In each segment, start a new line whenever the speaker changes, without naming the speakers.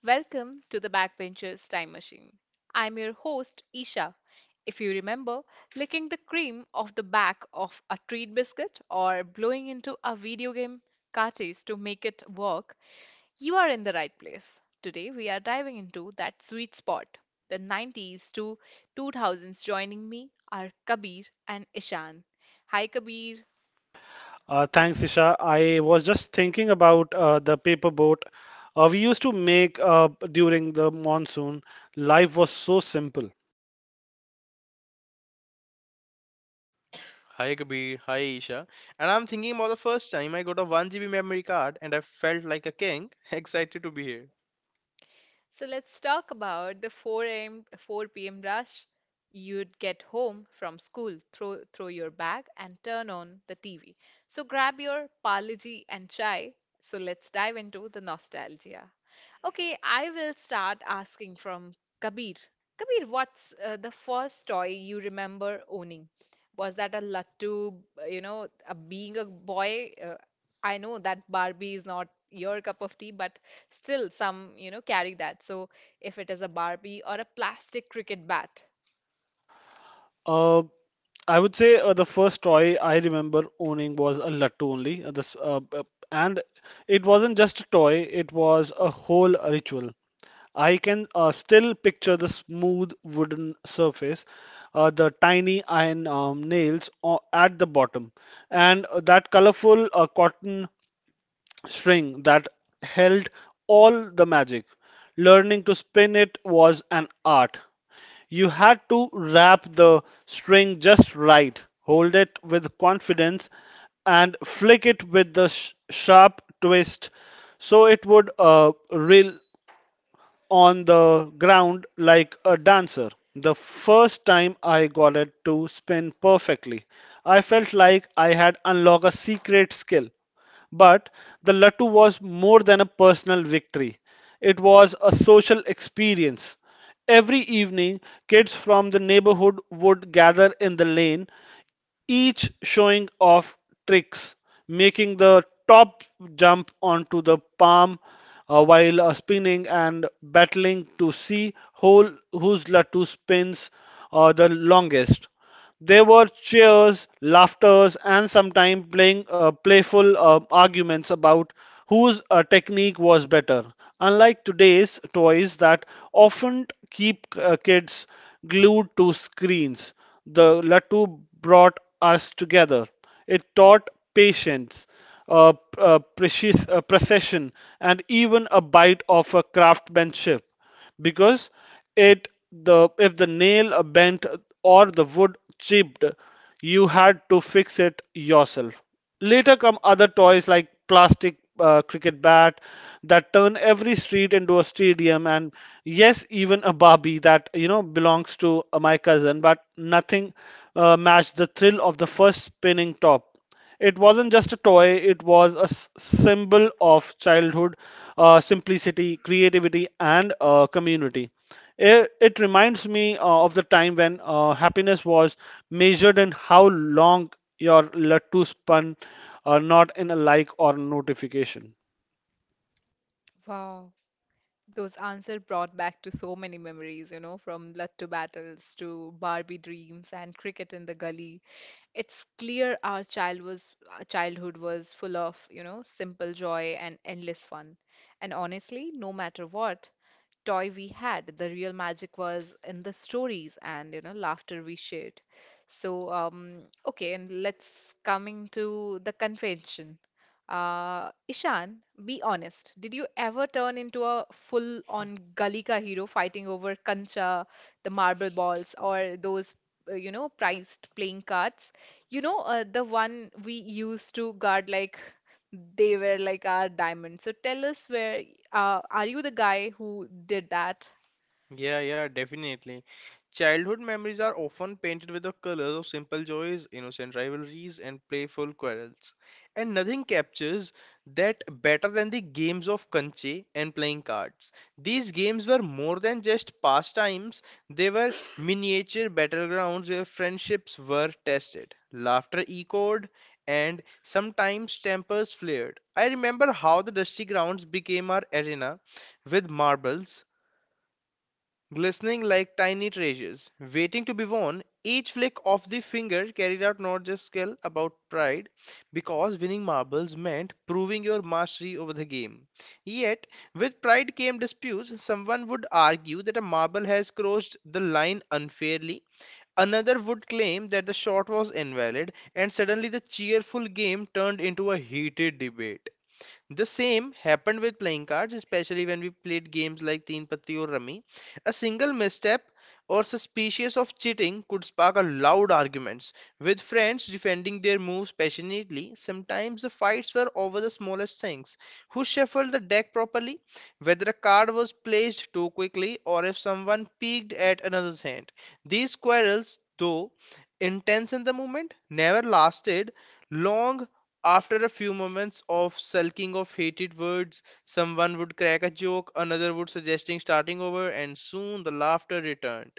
Welcome to the Backbenchers Time Machine. I'm your host, Isha. If you remember, licking the cream off the back of a treat biscuit or blowing into a video game cartridge to make it work, you are in the right place. Today, we are diving into that sweet spot, the 90s to 2000s. Joining me are Kabir and Ishan. Hi, Kabir.
Thanks, Isha. I was just thinking about the paper boat we used to make during the monsoon. Life was so simple.
Hi Kabir, hi Isha. And I'm thinking about the first time I got a 1 GB memory card and I felt like a king, excited to be here.
So let's talk about the 4 a.m. 4 p.m. rush. You'd get home from school, throw your bag and turn on the TV. So grab your Parle-G and chai. So let's dive into the nostalgia. Okay, I will start asking from Kabir. Kabir, what's the first toy you remember owning? Was that a Lattu, being a boy? I know that Barbie is not your cup of tea, but still some, carry that. So if it is a Barbie or a plastic cricket bat.
Uh, I would say the first toy I remember owning was a lattu only. And it wasn't just a toy, it was a whole ritual. I can still picture the smooth wooden surface, the tiny iron nails at the bottom, and that colorful cotton string that held all the magic. Learning to spin it was an art. You had to wrap the string just right, hold it with confidence, and flick it with the sharp twist so it would reel on the ground like a dancer. The first time I got it to spin perfectly, I felt like I had unlocked a secret skill. But the Lattu was more than a personal victory. It was a social experience. Every evening, kids from the neighborhood would gather in the lane, each showing off tricks, making the top jump onto the palm while spinning and battling to see whose Latu spins the longest. There were cheers, laughters, and sometimes playing playful arguments about whose technique was better. Unlike today's toys that often keep kids glued to screens, the Latu brought us together. It taught patience, precision, and even a bite of a craftsmanship. Because it the if the nail bent or the wood chipped, you had to fix it yourself. Later come other toys like plastic cricket bat that turn every street into a stadium, and yes, even a Barbie that you know belongs to my cousin, but nothing matched the thrill of the first spinning top. It wasn't just a toy; it was a symbol of childhood, simplicity, creativity, and community. It reminds me of the time when happiness was measured in how long your Lattu spun, not in a like or notification.
Wow. Those answers brought back to so many memories, you know, from Lattu battles to Barbie dreams and cricket in the gully. It's clear our childhood was full of, simple joy and endless fun. And honestly, no matter what toy we had, the real magic was in the stories and, laughter we shared. So, okay, and let's coming to the convention. Ishan, be honest. Did you ever turn into a full-on gully ka hero fighting over kancha, the marble balls, or those, prized playing cards? You know, the one we used to guard like they were like our diamonds. So tell us where, are you the guy who did that?
Yeah, yeah, definitely. Childhood memories are often painted with the colors of simple joys, innocent rivalries, and playful quarrels. And nothing captures that better than the games of kanche and playing cards. These games were more than just pastimes, they were miniature battlegrounds where friendships were tested, laughter echoed, and sometimes tempers flared. I remember how the dusty grounds became our arena with marbles glistening like tiny treasures, waiting to be won. Each flick of the finger carried out not just skill about pride, because winning marbles meant proving your mastery over the game. Yet, with pride came disputes. Someone would argue that a marble has crossed the line unfairly. Another would claim that the shot was invalid, and suddenly the cheerful game turned into a heated debate. The same happened with playing cards, especially when we played games like Teen Patti or Rummy. A single misstep or suspicious of cheating could spark a loud arguments, with friends defending their moves passionately. Sometimes the fights were over the smallest things. Who shuffled the deck properly, whether a card was placed too quickly, or if someone peeked at another's hand. These quarrels, though intense in the moment, never lasted long after a few moments of sulking of hated words, someone would crack a joke, another would suggesting starting over, and soon the laughter returned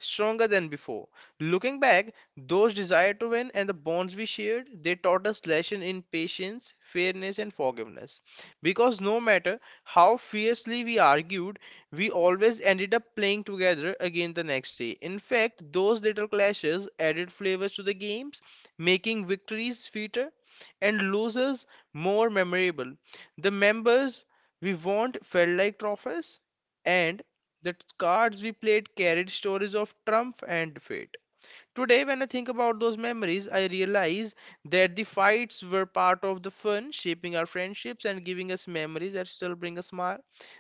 stronger than before. Looking back, those desire to win and the bonds we shared, they taught us lesson in patience, fairness, and forgiveness. Because no matter how fiercely we argued, we always ended up playing together again the next day. In fact, those little clashes added flavors to the games, making victories sweeter and losers more memorable. The members we want felt like trophies, and the cards we played carried stories of triumph and fate. Today, when I think about those memories, I realize that the fights were part of the fun, shaping our friendships and giving us memories that still bring a smile.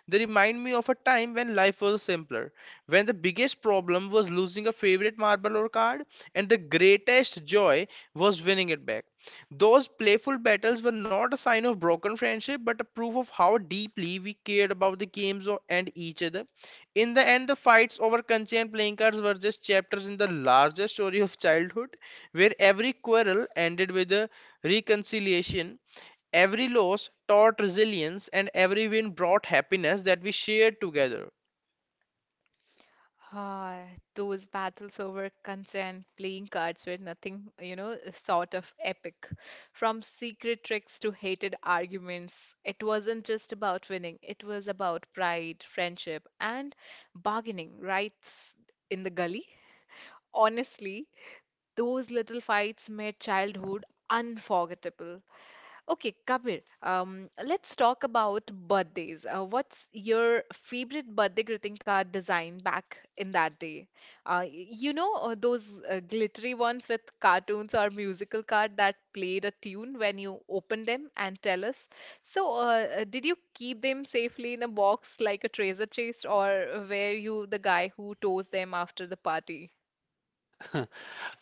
They remind me of a time when life was simpler, when the biggest problem was losing a favorite marble or card, and the greatest joy was winning it back. Those playful battles were not a sign of broken friendship, but a proof of how deeply we cared about the and each other. In the end, the fights over Kanchi and playing cards were just chapters in the larger story of childhood, where every quarrel ended with a reconciliation, every loss taught resilience, and every win brought happiness that we shared together.
Ah, those battles over consent, playing cards were nothing, you know, sort of epic. From secret tricks to hated arguments, it wasn't just about winning, it was about pride, friendship, and bargaining rights in the gully. Honestly, those little fights made childhood unforgettable. Okay, Kabir, let's talk about birthdays. What's your favorite birthday greeting card design back in that day? You know, those glittery ones with cartoons or musical card that played a tune when you opened them and tell us. So, did you keep them safely in a box like a treasure chest, or were you the guy who tore them after the party?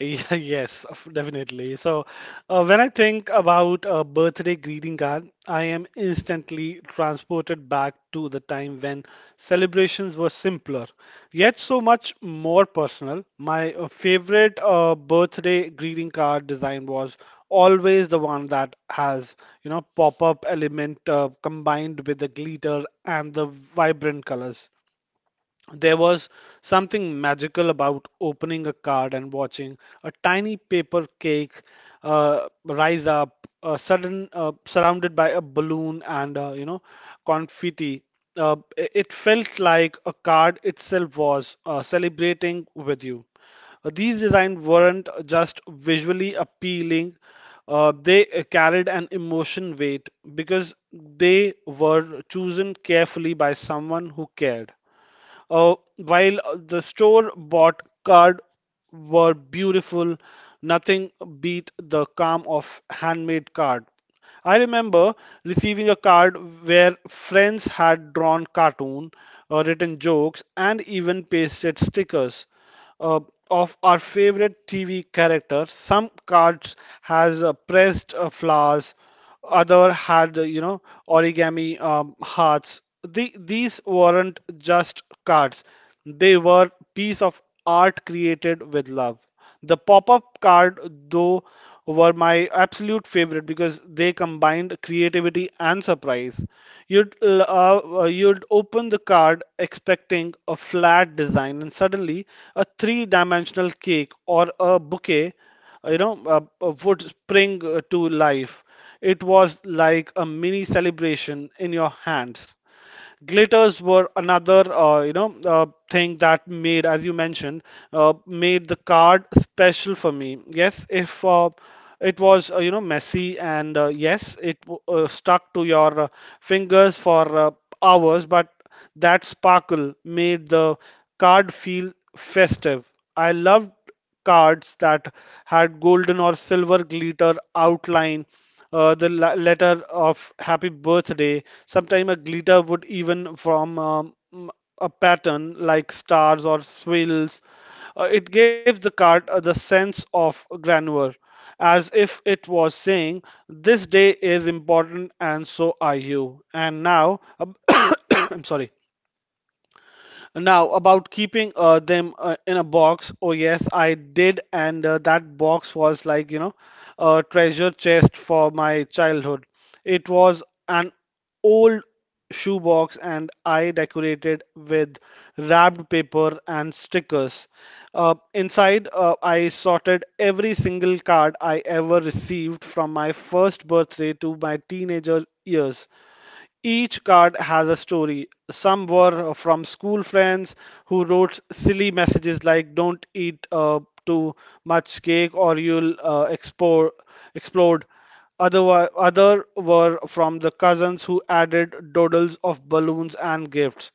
Definitely. So, when I think about a birthday greeting card, I am instantly transported back to the time when celebrations were simpler, yet so much more personal. My favorite birthday greeting card design was always the one that has, you know, pop-up element combined with the glitter and the vibrant colors. There was something magical about opening a card and watching a tiny paper cake rise up, sudden surrounded by a balloon and confetti. It felt like a card itself was celebrating with you. These designs weren't just visually appealing, they carried an emotion weight because they were chosen carefully by someone who cared. While the store-bought card were beautiful, nothing beat the calm of handmade card. I remember receiving a card where friends had drawn cartoon, written jokes, and even pasted stickers uh, of our favorite TV character. Some cards has pressed flowers, other had origami hearts. The, these weren't just cards, they were piece of art created with love. The pop-up card though were my absolute favorite because they combined creativity and surprise. you'd You'd open the card expecting a flat design and suddenly a three-dimensional cake or a bouquet uh, you know, uh, would spring to life. It was like a mini celebration in your hands. Glitters were another, thing that made, as you mentioned, made the card special for me. Yes, if it was, messy and yes, stuck to your fingers for hours, but that sparkle made the card feel festive. I loved cards that had golden or silver glitter outline, letter of happy birthday. Sometimes a glitter would even form a pattern like stars or swirls. It gave the card the sense of grandeur, as if it was saying, "This day is important and so are you." And now, I'm sorry. Now, about keeping them in a box, oh yes, I did, and that box was like, you know, a treasure chest for my childhood. It was an old shoebox, and I decorated with wrapped paper and stickers. Inside, I sorted every single card I ever received from my first birthday to my teenager years. Each card has a story. Some were from school friends who wrote silly messages like, "Don't eat too much cake or you'll explode." Other were from the cousins who added doodles of balloons and gifts.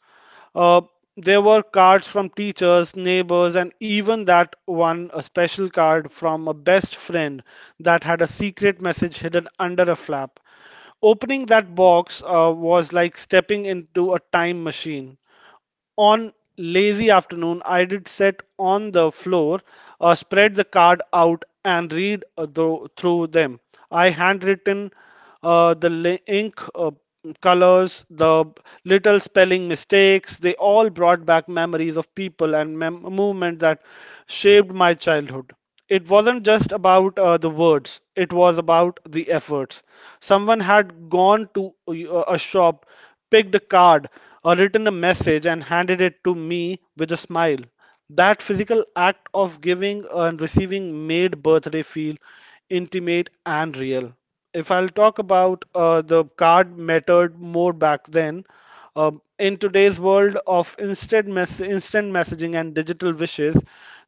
Uh, there were cards from teachers, neighbors, and even that one, a special card from a best friend that had a secret message hidden under a flap. Opening that box was like stepping into a time machine. On lazy afternoon, I did sit on the floor, spread the card out, and read through them. I handwritten ink colors, the little spelling mistakes. They all brought back memories of people and movement that shaped my childhood. It wasn't just about the words, it was about the efforts. Someone had gone to a shop, picked a card or written a message and handed it to me with a smile. That physical act of giving and receiving made birthday feel intimate and real. If I'll talk about the card mattered more back then, in today's world of instant messaging and digital wishes,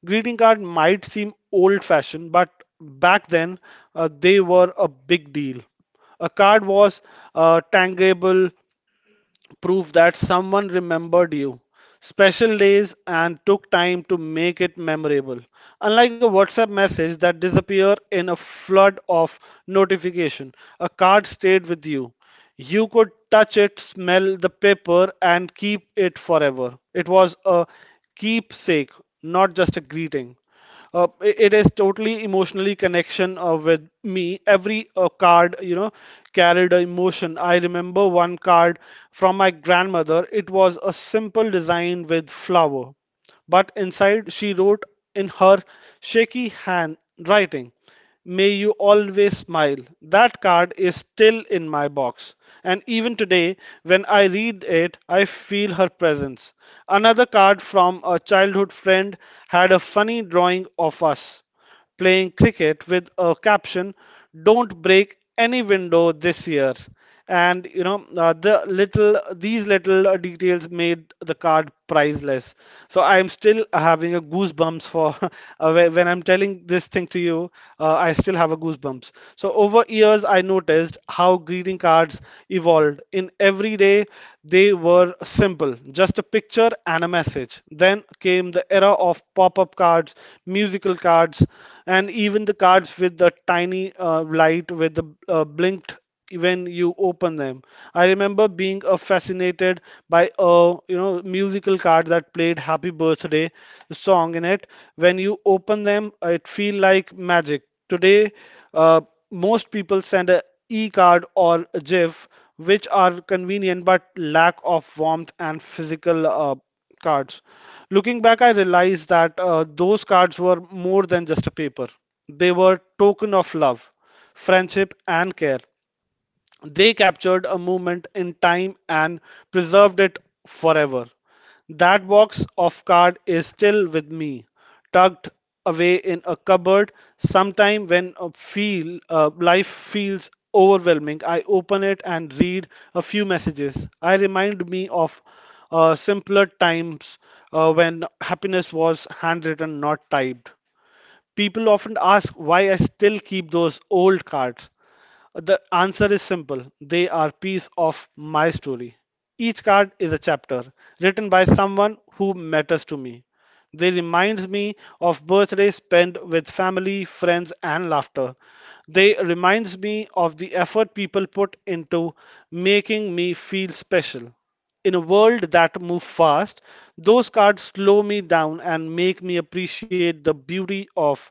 greeting card might seem old-fashioned, but back then they were a big deal. A card was tangible, proof that someone remembered you, special days, and took time to make it memorable. Unlike a WhatsApp message that disappeared in a flood of notification, a card stayed with you. You could touch it, smell the paper, and keep it forever. It was a keepsake, not just a greeting. It is totally emotionally connection with me. Every card, you know, carried an emotion. I remember one card from my grandmother. It was a simple design with flower, but inside she wrote in her shaky handwriting, "May you always smile." That card is still in my box. And even today, when I read it, I feel her presence. Another card from a childhood friend had a funny drawing of us playing cricket with a caption, "Don't break any window this year." And you know these little details made the card priceless. So I'm still having a goosebumps for, when I'm telling this thing to you. I still have a goosebumps. So over years I noticed how greeting cards evolved. In every day they were simple, just a picture and a message. Then came the era of pop-up cards, musical cards, and even the cards with the tiny light with the blinked when you open them. I remember being fascinated by a you know musical card that played Happy Birthday song in it. When you open them, it feel like magic. Today, uh, most people send a e-card or a GIF, which are convenient but lack of warmth and physical cards. Looking back, I realized that those cards were more than just a paper. They were token of love, friendship, and care. They captured a moment in time and preserved it forever. That box of card is still with me, tucked away in a cupboard. Sometime when a feel life feels overwhelming, I open it and read a few messages. I remind me of simpler times, when happiness was handwritten, not typed. People often ask why I still keep those old cards. The answer is simple. They are piece of my story. Each card is a chapter written by someone who matters to me. They remind me of birthdays spent with family, friends and laughter. They reminds me of the effort people put into making me feel special. In a world that moves fast, those cards slow me down and make me appreciate the beauty of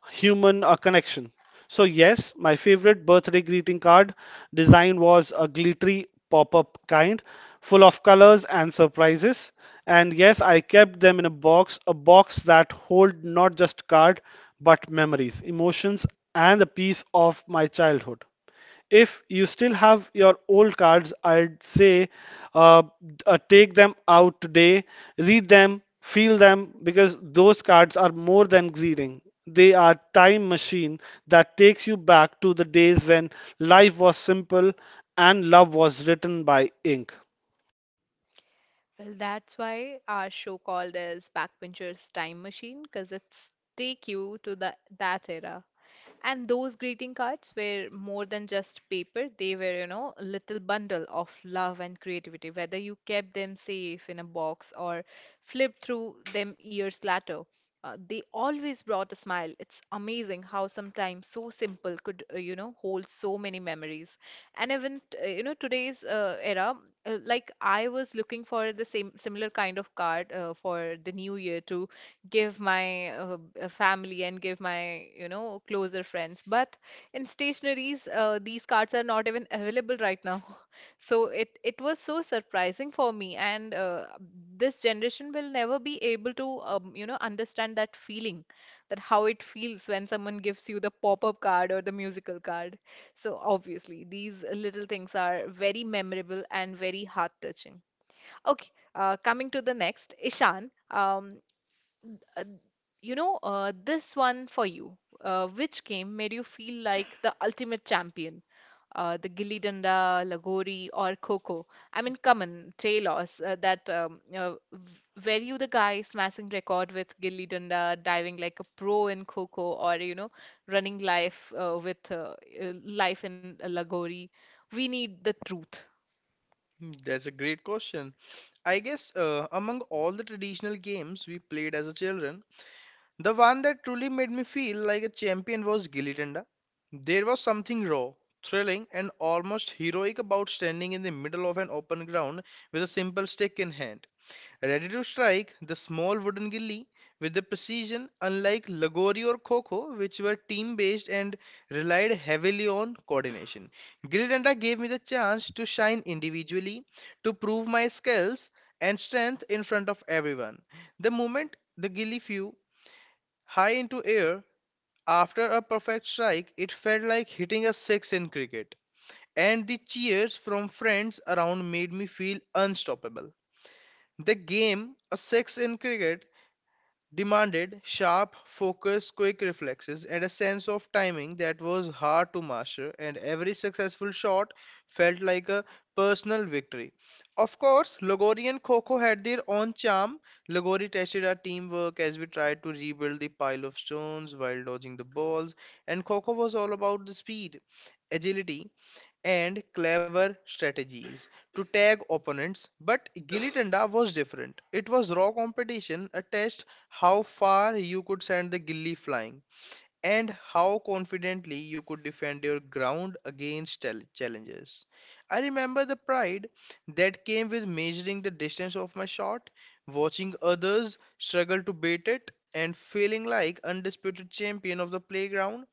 human connection. So, yes, my favorite birthday greeting card design was a glittery pop up kind, full of colors and surprises. And yes, I kept them in a box that hold not just card but memories, emotions, and a piece of my childhood. If you still have your old cards, I'd say uh, take them out today, read them, feel them, because those cards are more than greeting. They are time machine that takes you back to the days when life was simple and love was written by ink.
Well, that's why our show called as Backbenchers Time Machine, because it's take you to the that era. And those greeting cards were more than just paper. They were, you know, a little bundle of love and creativity, whether you kept them safe in a box or flipped through them years later. They always brought a smile. It's amazing how sometimes so simple could, hold so many memories. And even, you know, today's era, like I was looking for the same similar kind of card for the new year too, give my family and give my, you know, closer friends, but in stationaries these cards are not even available right now. So it was so surprising for me. And this generation will never be able to you know, understand that feeling, that how it feels when someone gives you the pop-up card or the musical card. So obviously these little things are very memorable and very heart-touching. Okay, coming to the next, Ishan. Uh, you know, this one for you. Which game made you feel like the ultimate champion? The Gilli Danda, Lagori, or Coco? I mean, come on, Talos, were you the guy smashing record with Gilli Danda, diving like a pro in Coco, or, you know, running life with life in Lagori? We need the truth.
Hmm, that's a great question. I guess among all the traditional games we played as a children, the one that truly made me feel like a champion was Gilly Tanda. There was something raw, thrilling, and almost heroic about standing in the middle of an open ground with a simple stick in hand, ready to strike the small wooden gilly with the precision unlike Lagori or Kho, which were team based and relied heavily on coordination. Gilly Tanda gave me the chance to shine individually, to prove my skills and strength in front of everyone. The moment the gilly flew, high into air, after a perfect strike, it felt like hitting a six in cricket, and the cheers from friends around made me feel unstoppable. The game, a six in cricket, demanded sharp focus, quick reflexes, and a sense of timing that was hard to master, and every successful shot felt like a personal victory. Of course, Lagori and Coco had their own charm. Lagori tested our teamwork as we tried to rebuild the pile of stones while dodging the balls, and Coco was all about the speed, agility, and clever strategies to tag opponents, but Gilly Danda was different. It was raw competition, a test how far you could send the gilli flying and how confidently you could defend your ground against challenges. I remember the pride that came with measuring the distance of my shot, watching others struggle to beat it, and feeling like undisputed champion of the playground.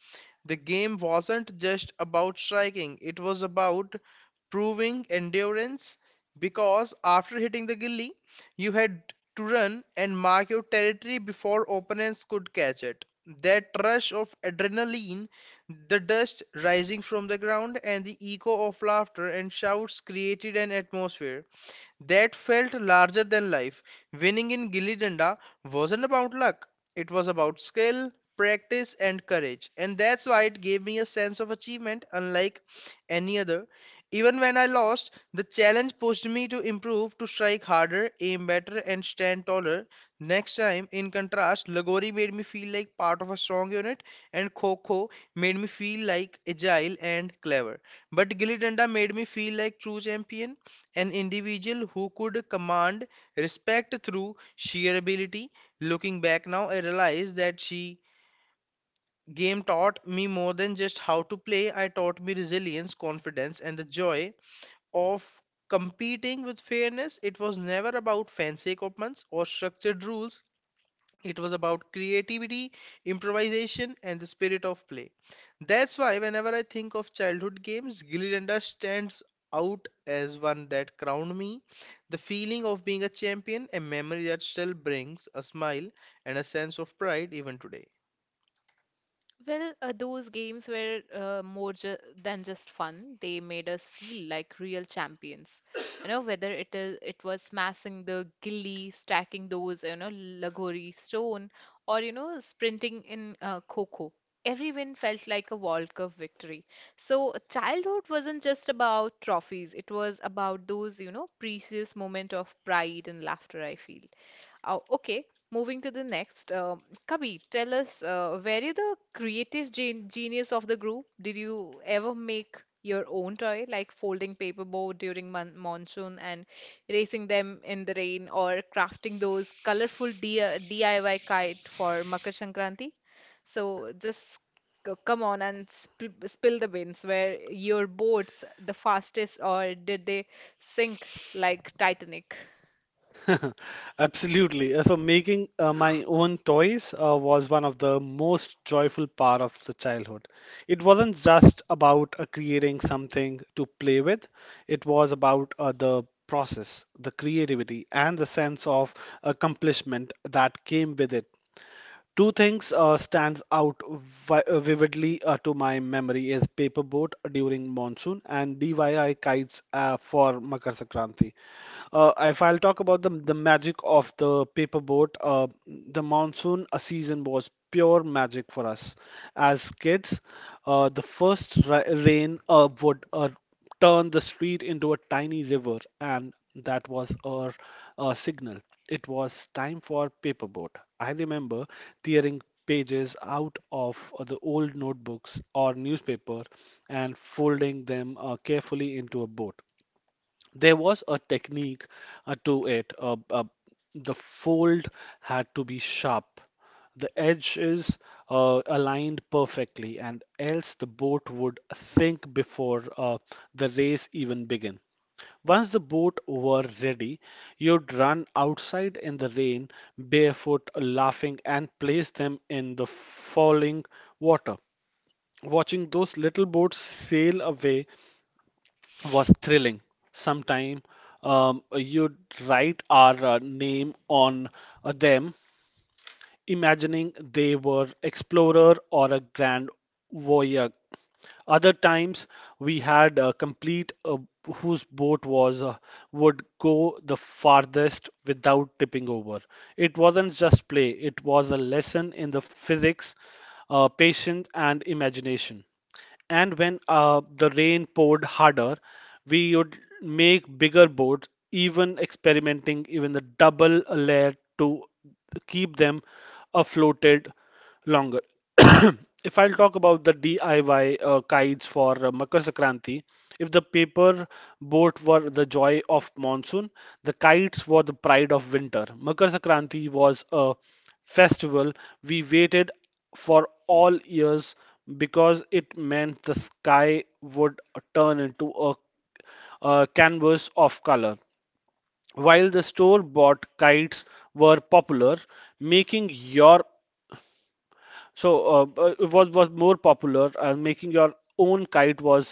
The game wasn't just about striking, it was about proving endurance because after hitting the gilly, you had to run and mark your territory before opponents could catch it. That rush of adrenaline, the dust rising from the ground, and the echo of laughter and shouts created an atmosphere that felt larger than life. Winning in Gilly Danda wasn't about luck, it was about skill, practice, and courage. And that's why it gave me a sense of achievement unlike any other. Even when I lost, the challenge pushed me to improve, to strike harder, aim better, and stand taller. Next time, in contrast, Lagori made me feel like part of a strong unit, and Kho Kho made me feel like agile and clever. But Gilly Danda made me feel like true champion, an individual who could command respect through sheer ability. Looking back now, I realize that she game taught me more than just how to play. I taught me resilience, confidence, and the joy of competing with fairness. It was never about fancy equipments or structured rules. It was about creativity, improvisation, and the spirit of play. That's why, whenever I think of childhood games, Gilly Danda stands out as one that crowned me. The feeling of being a champion, a memory that still brings a smile and a sense of pride even today.
Well, those games were more ju than just fun. They made us feel like real champions. You know, whether it is it was smashing the gilly, stacking those, you know, Lagori stone, or, you know, sprinting in Kho. Every win felt like a World Cup victory. So childhood wasn't just about trophies. It was about those, you know, precious moment of pride and laughter, I feel. Oh, okay, moving to the next. Kabir, tell us, were you the creative genius of the group? Did you ever make your own toy, like folding paperboard during monsoon and racing them in the rain, or crafting those colorful D DIY kite for Makar Sankranti? So just come on and sp spill the beans. Were your boats the fastest, or did they sink like Titanic?
Absolutely. So making my own toys was one of the most joyful part of the childhood. It wasn't just about creating something to play with. It was about the process, the creativity, and the sense of accomplishment that came with it. Two things stands out vividly to my memory is paper boat during monsoon and DIY kites for Makar Sankranti. If I'll talk about the magic of the paper boat, the monsoon season was pure magic for us as kids. The first ra rain would turned the street into a tiny river, and that was our signal. It was time for paperboat. I remember tearing pages out of the old notebooks or newspaper and folding them carefully into a boat. There was a technique to it. The fold had to be sharp. The edge is aligned perfectly, and else the boat would sink before the race even began. Once the boat were ready, you'd run outside in the rain, barefoot, laughing, and place them in the falling water. Watching those little boats sail away was thrilling. Sometime you'd write our name on them, imagining they were explorer or a grand voyage. Other times we had a complete whose boat was would go the farthest without tipping over. It wasn't just play; it was a lesson in the physics, patience, and imagination. And when the rain poured harder, we would make bigger boards, even experimenting even the double layer to keep them afloated longer. If I'll talk about the DIY kites for Makar Sankranti, if the paper boat were the joy of monsoon, the kites were the pride of winter. Makar Sankranti was a festival we waited for all years because it meant the sky would turn into a canvas of color. While the store bought kites were popular, making your so it was more popular, and making your own kite was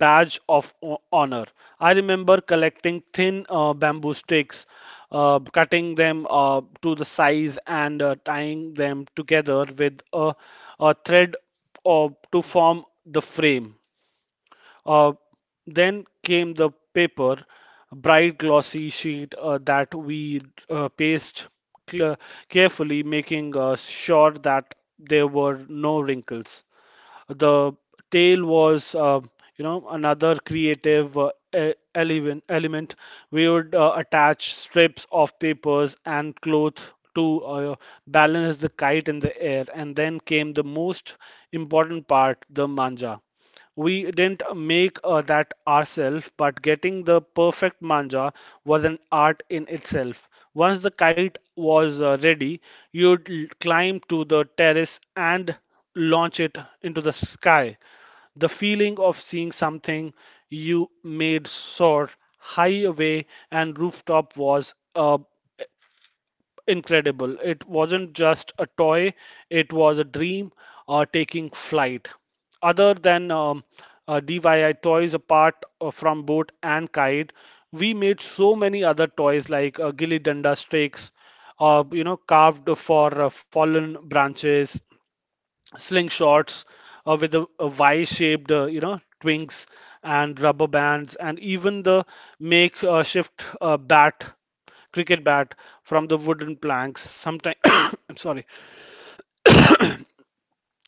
badge of honor. I remember collecting thin bamboo sticks, cutting them to the size, and tying them together with a thread to form the frame. Uh, then came the paper, bright glossy sheet that we paced cl- carefully, making sure that there were no wrinkles. The tail was, another creative element. We would attach strips of papers and cloth to balance the kite in the air. And then came the most important part, the manja. We didn't make that ourselves, but getting the perfect manja was an art in itself. Once the kite was ready, you'd climb to the terrace and launch it into the sky. The feeling of seeing something you made soar high away and rooftop was a incredible. It wasn't just a toy, it was a dream taking flight. Other than DIY toys apart from boat and kite, we made so many other toys like gilly danda sticks, carved for fallen branches, slingshots with a Y-shaped, twinks and rubber bands, and even the make uh, shift uh, bat, cricket bat from the wooden planks. Sometimes, I'm sorry,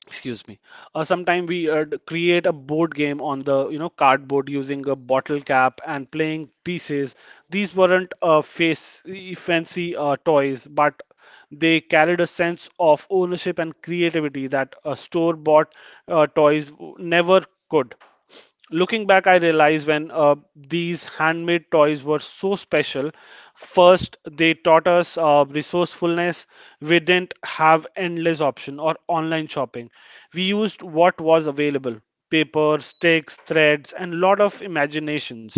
excuse me sometime we create a board game on the cardboard using a bottle cap and playing pieces. These weren't fancy toys but they carried a sense of ownership and creativity that a store bought toys never could. Looking back, I realized when these handmade toys were so special. First, they taught us resourcefulness. We didn't have endless option or online shopping. We used what was available: paper, sticks, threads, and lot of imaginations.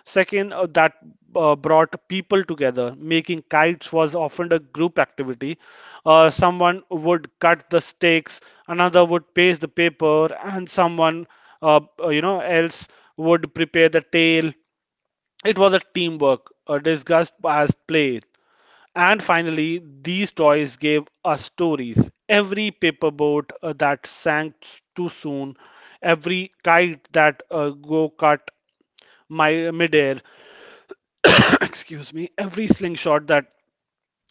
Second, that brought people together. Making kites was often a group activity. Someone would cut the sticks, another would paste the paper, and someone else would prepare the tale. It was a teamwork discussed as play. And finally, these toys gave us stories. Every paperboat that sank too soon, every kite that go cut my midair, excuse me, every slingshot that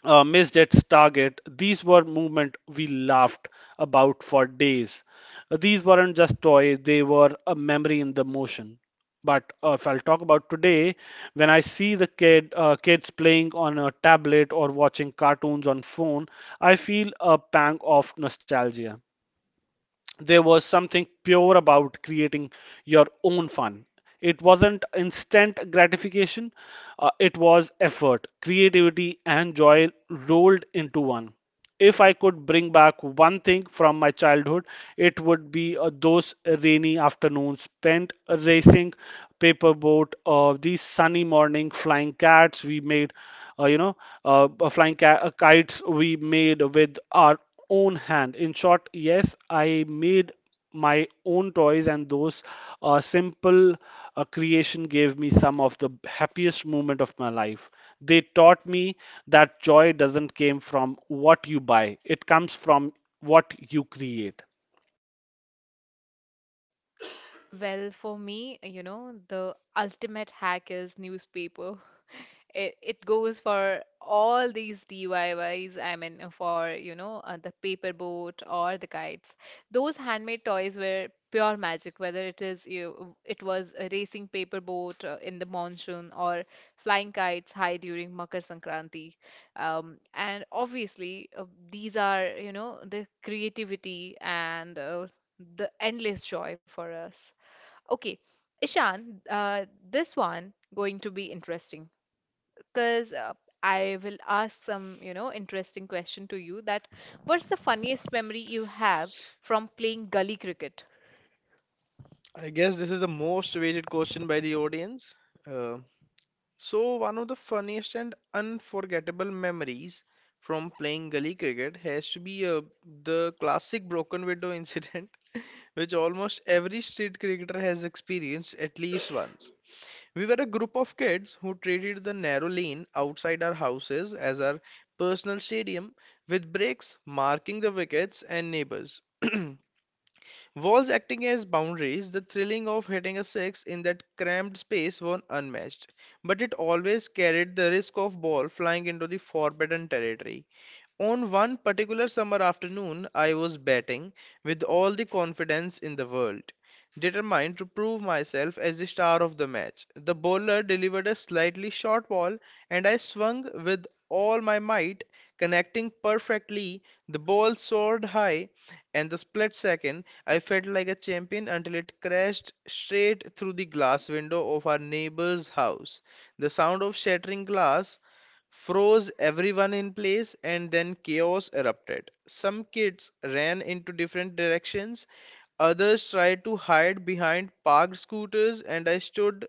missed its target. These were movement we laughed about for days. These weren't just toys, they were a memory in the motion. But if I'll talk about today, when I see the kids playing on a tablet or watching cartoons on phone, I feel a pang of nostalgia. There was something pure about creating your own fun. It wasn't instant gratification, it was effort, creativity, and joy rolled into one. If I could bring back one thing from my childhood, it would be those rainy afternoons spent racing paper boat, or these sunny morning flying cats we made, uh, you know, kites we made with our own hand. In short, yes, I made my own toys, and those simple creation gave me some of the happiest moment of my life. They taught me that joy doesn't came from what you buy; it comes from what you create.
Well, for me, you know, the ultimate hack is newspaper. It goes for all these DIYs. I Ys. I mean, for, you know, the paper boat or the kites. Those handmade toys were pure magic, whether it is you, it was a racing paper boat in the monsoon or flying kites high during Makar Sankranti. And obviously, these are, you know, the creativity and the endless joy for us. Okay, Ishan, this one going to be interesting because I will ask some, you know, interesting question to you, that what's the funniest memory you have from playing gully cricket?
I guess this is the most awaited question by the audience. Uh, so one of the funniest and unforgettable memories from playing gully cricket has to be the classic broken window incident which almost every street cricketer has experienced at least once. We were a group of kids who treated the narrow lane outside our houses as our personal stadium, with bricks marking the wickets and neighbors. Walls acting as boundaries, the thrilling of hitting a six in that cramped space was unmatched, but it always carried the risk of ball flying into the forbidden territory. On one particular summer afternoon, I was batting with all the confidence in the world, determined to prove myself as the star of the match. The bowler delivered a slightly short ball, and I swung with all my might, connecting perfectly. The ball soared high, and the split second I felt like a champion until it crashed straight through the glass window of our neighbor's house. The sound of shattering glass froze everyone in place, and then chaos erupted. Some kids ran into different directions, others tried to hide behind parked scooters, and I stood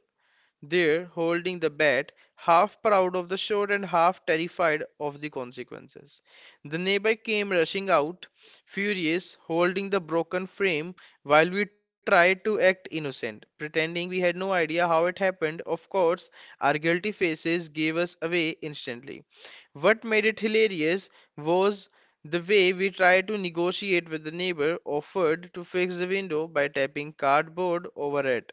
there holding the bat, half proud of the shot and half terrified of the consequences. The neighbor came rushing out, furious, holding the broken frame, while we tried to act innocent, pretending we had no idea how it happened. Of course, our guilty faces gave us away instantly. What made it hilarious was the way we tried to negotiate with the neighbor, offered to fix the window by tapping cardboard over it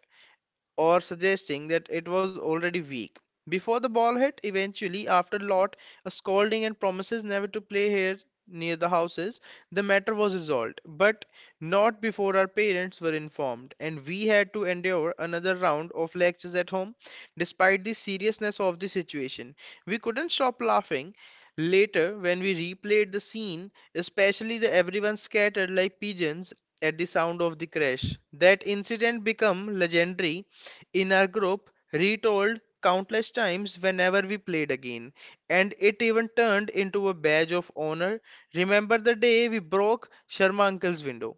or suggesting that it was already weak before the ball hit. Eventually, after Lot a scolding and promises never to play here near the houses, the matter was resolved, but not before our parents were informed, and we had to endure another round of lectures at home. Despite the seriousness of the situation, we couldn't stop laughing. Later, when we replayed the scene, especially the everyone scattered like pigeons at the sound of the crash, that incident became legendary in our group retold countless times whenever we played again, and it even turned into a badge of honor. Remember the day we broke Sharma Uncle's window?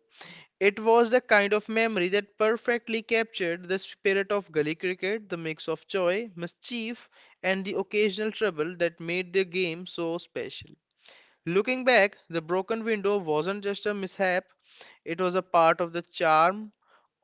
It was the kind of memory that perfectly captured the spirit of gully cricket, the mix of joy, mischief, and the occasional trouble that made the game so special. Looking back, the broken window wasn't just a mishap, it was a part of the charm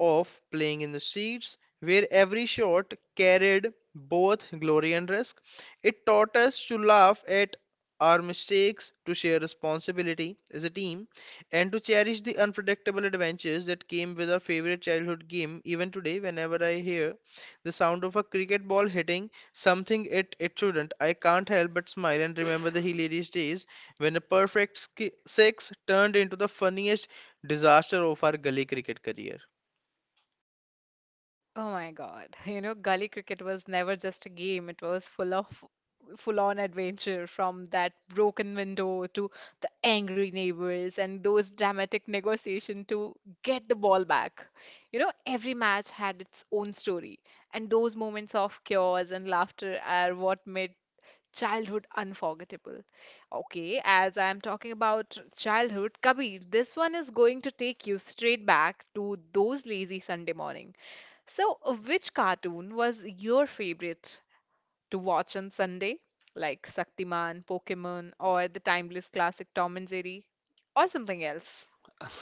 of playing in the streets, where every shot carried both glory and risk. It taught us to laugh at our mistakes, to share responsibility as a team, and to cherish the unpredictable adventures that came with our favorite childhood game. Even today, whenever I hear the sound of a cricket ball hitting something it shouldn't. I can't help but smile and remember the hilarious days when a perfect six turned into the funniest disaster of our gully cricket career.
Oh my God. You know, gully cricket was never just a game. It was full of full-on adventure, from that broken window to the angry neighbors and those dramatic negotiation to get the ball back. You know, every match had its own story, and those moments of chaos and laughter are what made childhood unforgettable. Okay, as I'm talking about childhood, Kabir, this one is going to take you straight back to those lazy Sunday morning. So, which cartoon was your favorite to watch on Sunday? Like Shaktiman, Pokemon, or the timeless classic Tom and Jerry, or something else?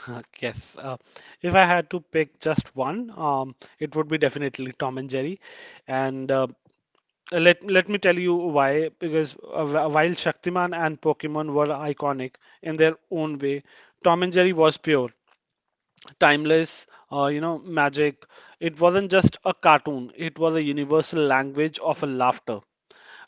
Yes, if I had to pick just one, it would be definitely Tom and Jerry, and let me tell you why. Because while Shaktiman and Pokemon were iconic in their own way, Tom and Jerry was pure, timeless. Magic. It wasn't just a cartoon. It was a universal language of a laughter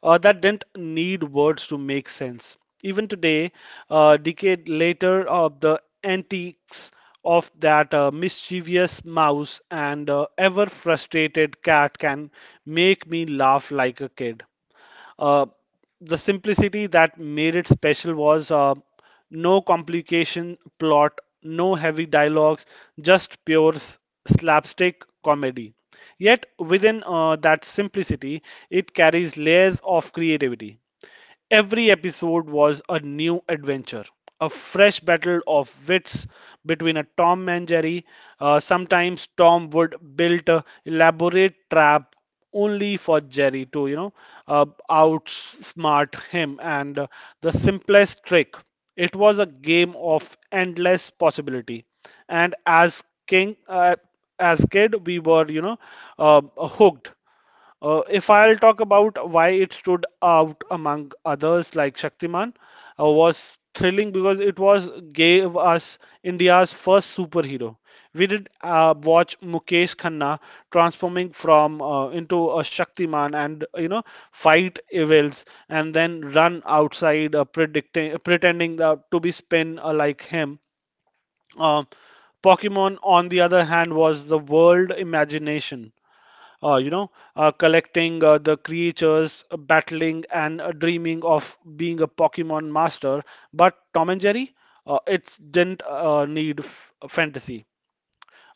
that didn't need words to make sense. Even today, a decade later, the antics of that mischievous mouse and ever frustrated cat can make me laugh like a kid. Uh, the simplicity that made it special was. No complication plot, no heavy dialogues, just pure slapstick comedy. Yet within that simplicity, it carries layers of creativity. Every episode was a new adventure, a fresh battle of wits between a Tom and Jerry. Sometimes Tom would build a elaborate trap only for Jerry to, outsmart him, and the simplest trick. It was a game of endless possibility. And as kid, we were, hooked. If I'll talk about why it stood out among others like Shaktiman, was thrilling because it was course, gave us India's first superhero. We did watch Mukesh Khanna transforming from into a Shaktiman and fight evils and then run outside predicting pretending that, to be spin like him. Um Pokemon, on the other hand, was the world imagination uh, you know, collecting the creatures, battling, and dreaming of being a Pokemon master. But Tom and Jerry, it didn't need fantasy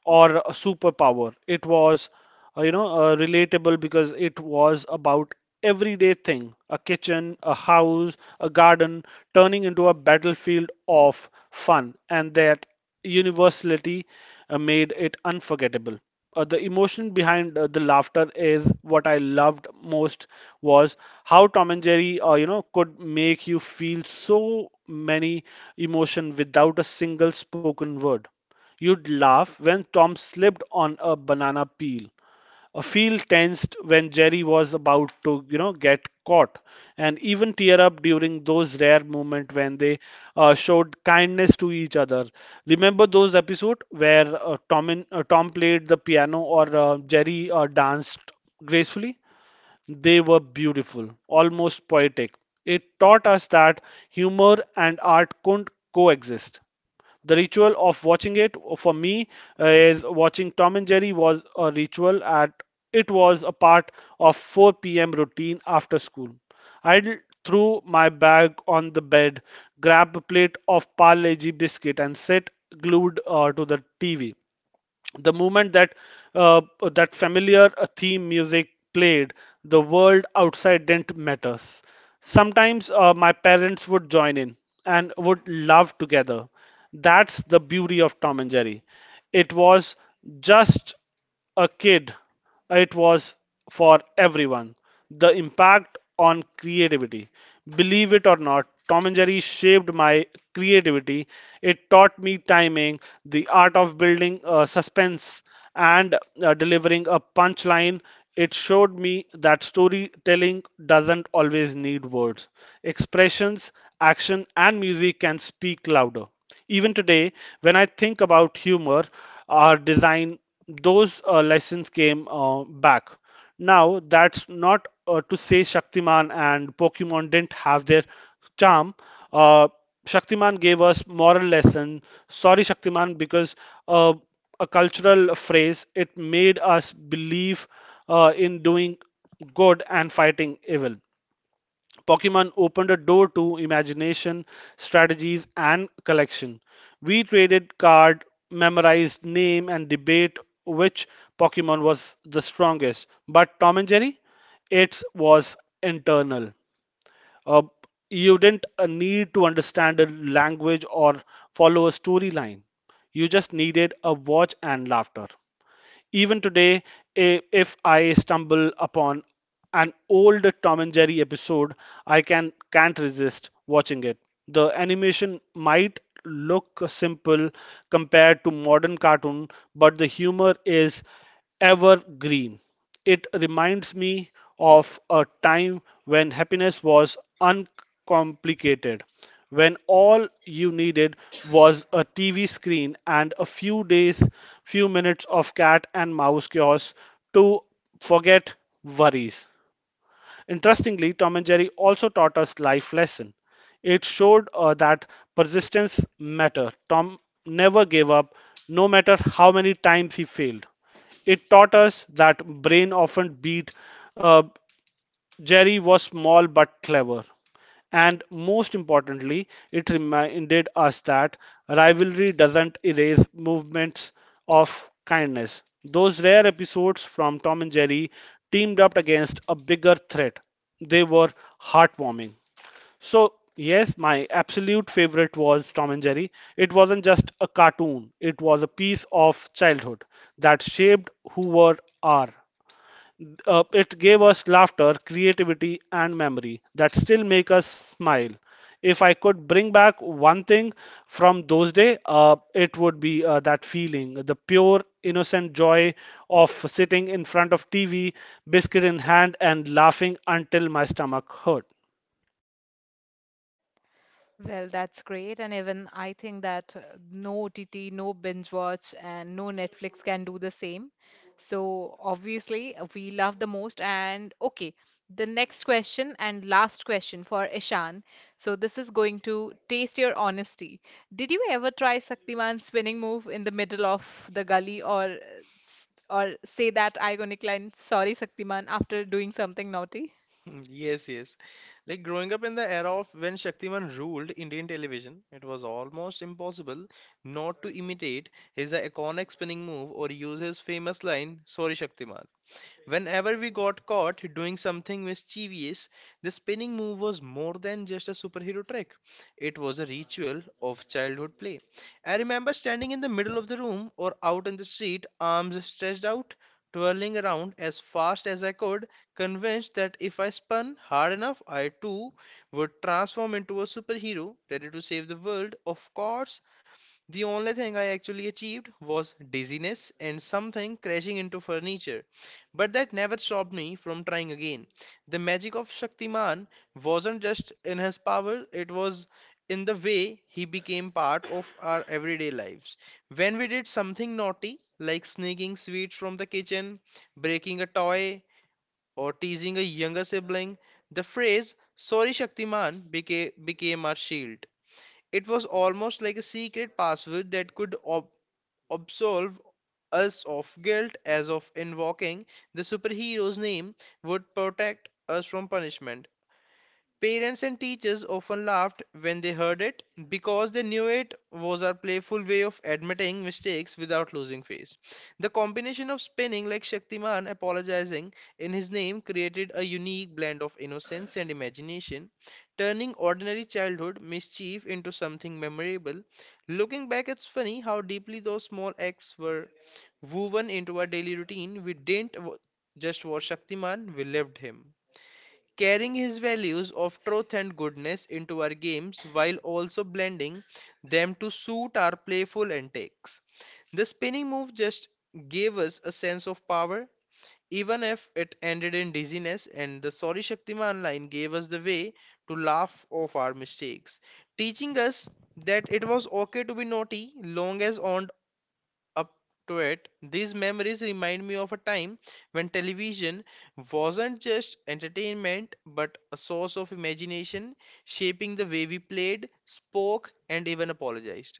or a superpower. It was, relatable because it was about everyday thing, a kitchen, a house, a garden, turning into a battlefield of fun, and that universality made it unforgettable. The emotion behind the laughter is what I loved most was how Tom and Jerry, could make you feel so many emotion without a single spoken word. You'd laugh when Tom slipped on a banana peel. A feel tensed when Jerry was about to, get caught, and even tear up during those rare moments when they showed kindness to each other. Remember those episodes where Tom played the piano or Jerry danced gracefully? They were beautiful, almost poetic. It taught us that humor and art couldn't coexist. The ritual of watching it for me is watching Tom and Jerry was a ritual at it was a part of 4 p.m. routine after school. I threw my bag on the bed, grabbed a plate of Parle-G biscuit and sat glued to the TV the moment uh, that familiar theme music played, the world outside didn't matter. Sometimes my parents would join in and would laugh together. That's the beauty of Tom and Jerry. It was just a kid. It was for everyone. The impact on creativity. Believe it or not, Tom and Jerry shaped my creativity. It taught me timing, the art of building suspense, and delivering a punchline. It showed me that storytelling doesn't always need words. Expressions, action, and music can speak louder. Even today, when I think about humor, our design those lessons came back. Now, that's not to say Shaktiman and Pokemon didn't have their charm. Uh, Shaktiman gave us moral lesson. Sorry, Shaktiman, because uh, a cultural phrase it made us believe in doing good and fighting evil. Pokemon opened a door to imagination, strategies, and collection. We traded card, memorized name, and debate which Pokemon was the strongest. But Tom and Jerry, it was internal. Uh, you didn't need to understand a language or follow a storyline. You just needed a watch and laughter. Even today, if I stumble upon an old Tom and Jerry episode, I can't resist watching it. The animation might look simple compared to modern cartoon, but the humor is evergreen. It reminds me of a time when happiness was uncomplicated, when all you needed was a TV screen and a few days, few minutes of cat and mouse chaos to forget worries. Interestingly, Tom and Jerry also taught us life lesson. It showed that persistence matter. Tom never gave up, no matter how many times he failed. It taught us that brain often beat uh, Jerry was small but clever. And most importantly, it reminded us that rivalry doesn't erase movements of kindness. Those rare episodes from Tom and Jerry teamed up against a bigger threat. They were heartwarming. So, yes, my absolute favorite was Tom and Jerry. It wasn't just a cartoon, it was a piece of childhood that shaped who we are. It gave us laughter, creativity, and memory that still make us smile. If I could bring back one thing from those days, it would be that feeling, the pure, innocent joy of sitting in front of TV, biscuit in hand, and laughing until my stomach hurt.
Well, that's great. And even I think that no OTT, no binge watch, and no Netflix can do the same. So obviously, we love the most. And okay, the next question and last question for Ishan. So this is going to taste your honesty. Did you ever try Shaktiman's spinning move in the middle of the gully, or or say that iconic line, sorry, Shaktiman, after doing something naughty?
Hmm, yes, yes. Like growing up in the era of when Shaktiman ruled Indian television, it was almost impossible not to imitate his iconic spinning move or use his famous line, "Sorry Shaktiman." Whenever we got caught doing something mischievous, the spinning move was more than just a superhero trick. It was a ritual of childhood play. I remember standing in the middle of the room or out in the street, arms stretched out, twirling around as fast as I could, convinced that if I spun hard enough, I too would transform into a superhero ready to save the world. Of course, the only thing I actually achieved was dizziness and something crashing into furniture, but that never stopped me from trying again. The magic of Shaktiman wasn't just in his power, it was in the way he became part of our everyday lives. When we did something naughty, like sneaking sweets from the kitchen, breaking a toy, or teasing a younger sibling, the phrase, "Sorry Shaktiman," became our shield. It was almost like a secret password that could absolve us of guilt, as of invoking the superhero's name would protect us from punishment. Parents and teachers often laughed when they heard it because they knew it was our playful way of admitting mistakes without losing face. The combination of spinning like Shaktiman apologizing in his name created a unique blend of innocence and imagination, turning ordinary childhood mischief into something memorable. Looking back, it's funny how deeply those small acts were woven into our daily routine. We didn't just watch Shaktiman, we lived him carrying his values of truth and goodness into our games while also blending them to suit our playful antics. The spinning move just gave us a sense of power, even if it ended in dizziness, and the "Sorry Shaktiman" line gave us the way to laugh off our mistakes, teaching us that it was okay to be naughty long as on up to it, these memories remind me of a time when television wasn't just entertainment but a source of imagination, shaping the way we played, spoke, and even apologized.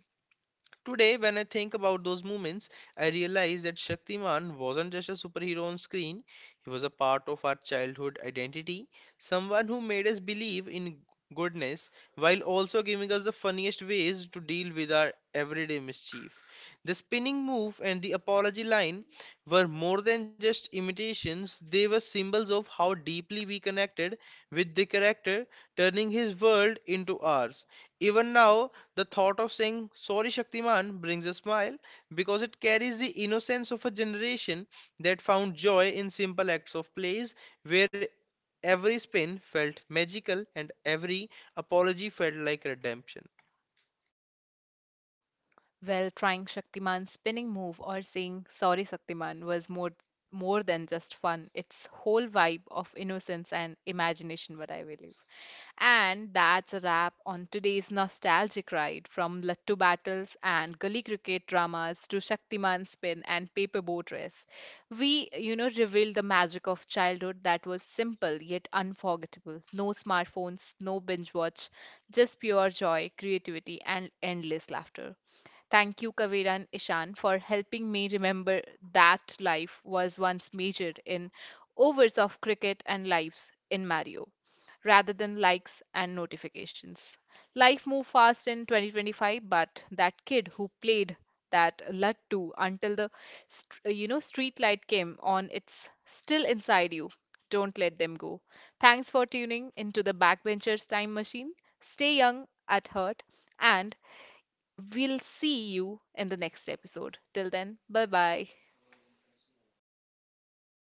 Today, when I think about those moments, I realize that Shaktiman wasn't just a superhero on screen, he was a part of our childhood identity, someone who made us believe in goodness while also giving us the funniest ways to deal with our everyday mischief. The spinning move and the apology line were more than just imitations, they were symbols of how deeply we connected with the character, turning his world into ours. Even now, the thought of saying "Sorry Shaktiman" brings a smile because it carries the innocence of a generation that found joy in simple acts of plays where every spin felt magical and every apology felt like redemption.
Well, trying Shaktiman's spinning move or saying sorry Shaktiman was more than just fun. It's whole vibe of innocence and imagination, what I believe. And that's a wrap on today's nostalgic ride, from Lattu battles and gully cricket dramas to Shaktiman spin and paper boat race. We, you know, revealed the magic of childhood that was simple yet unforgettable. No smartphones, no binge watch, just pure joy, creativity, and endless laughter. Thank you, Kavira and Ishan, for helping me remember that life was once measured in overs of cricket and lives in Mario, rather than likes and notifications. Life moved fast in 2025, but that kid who played that lattu until the you know, street light came on, it's still inside you. Don't let them go. Thanks for tuning into the Backbenchers Time Machine. Stay young at heart and we'll see you in the next episode. Till then, bye bye.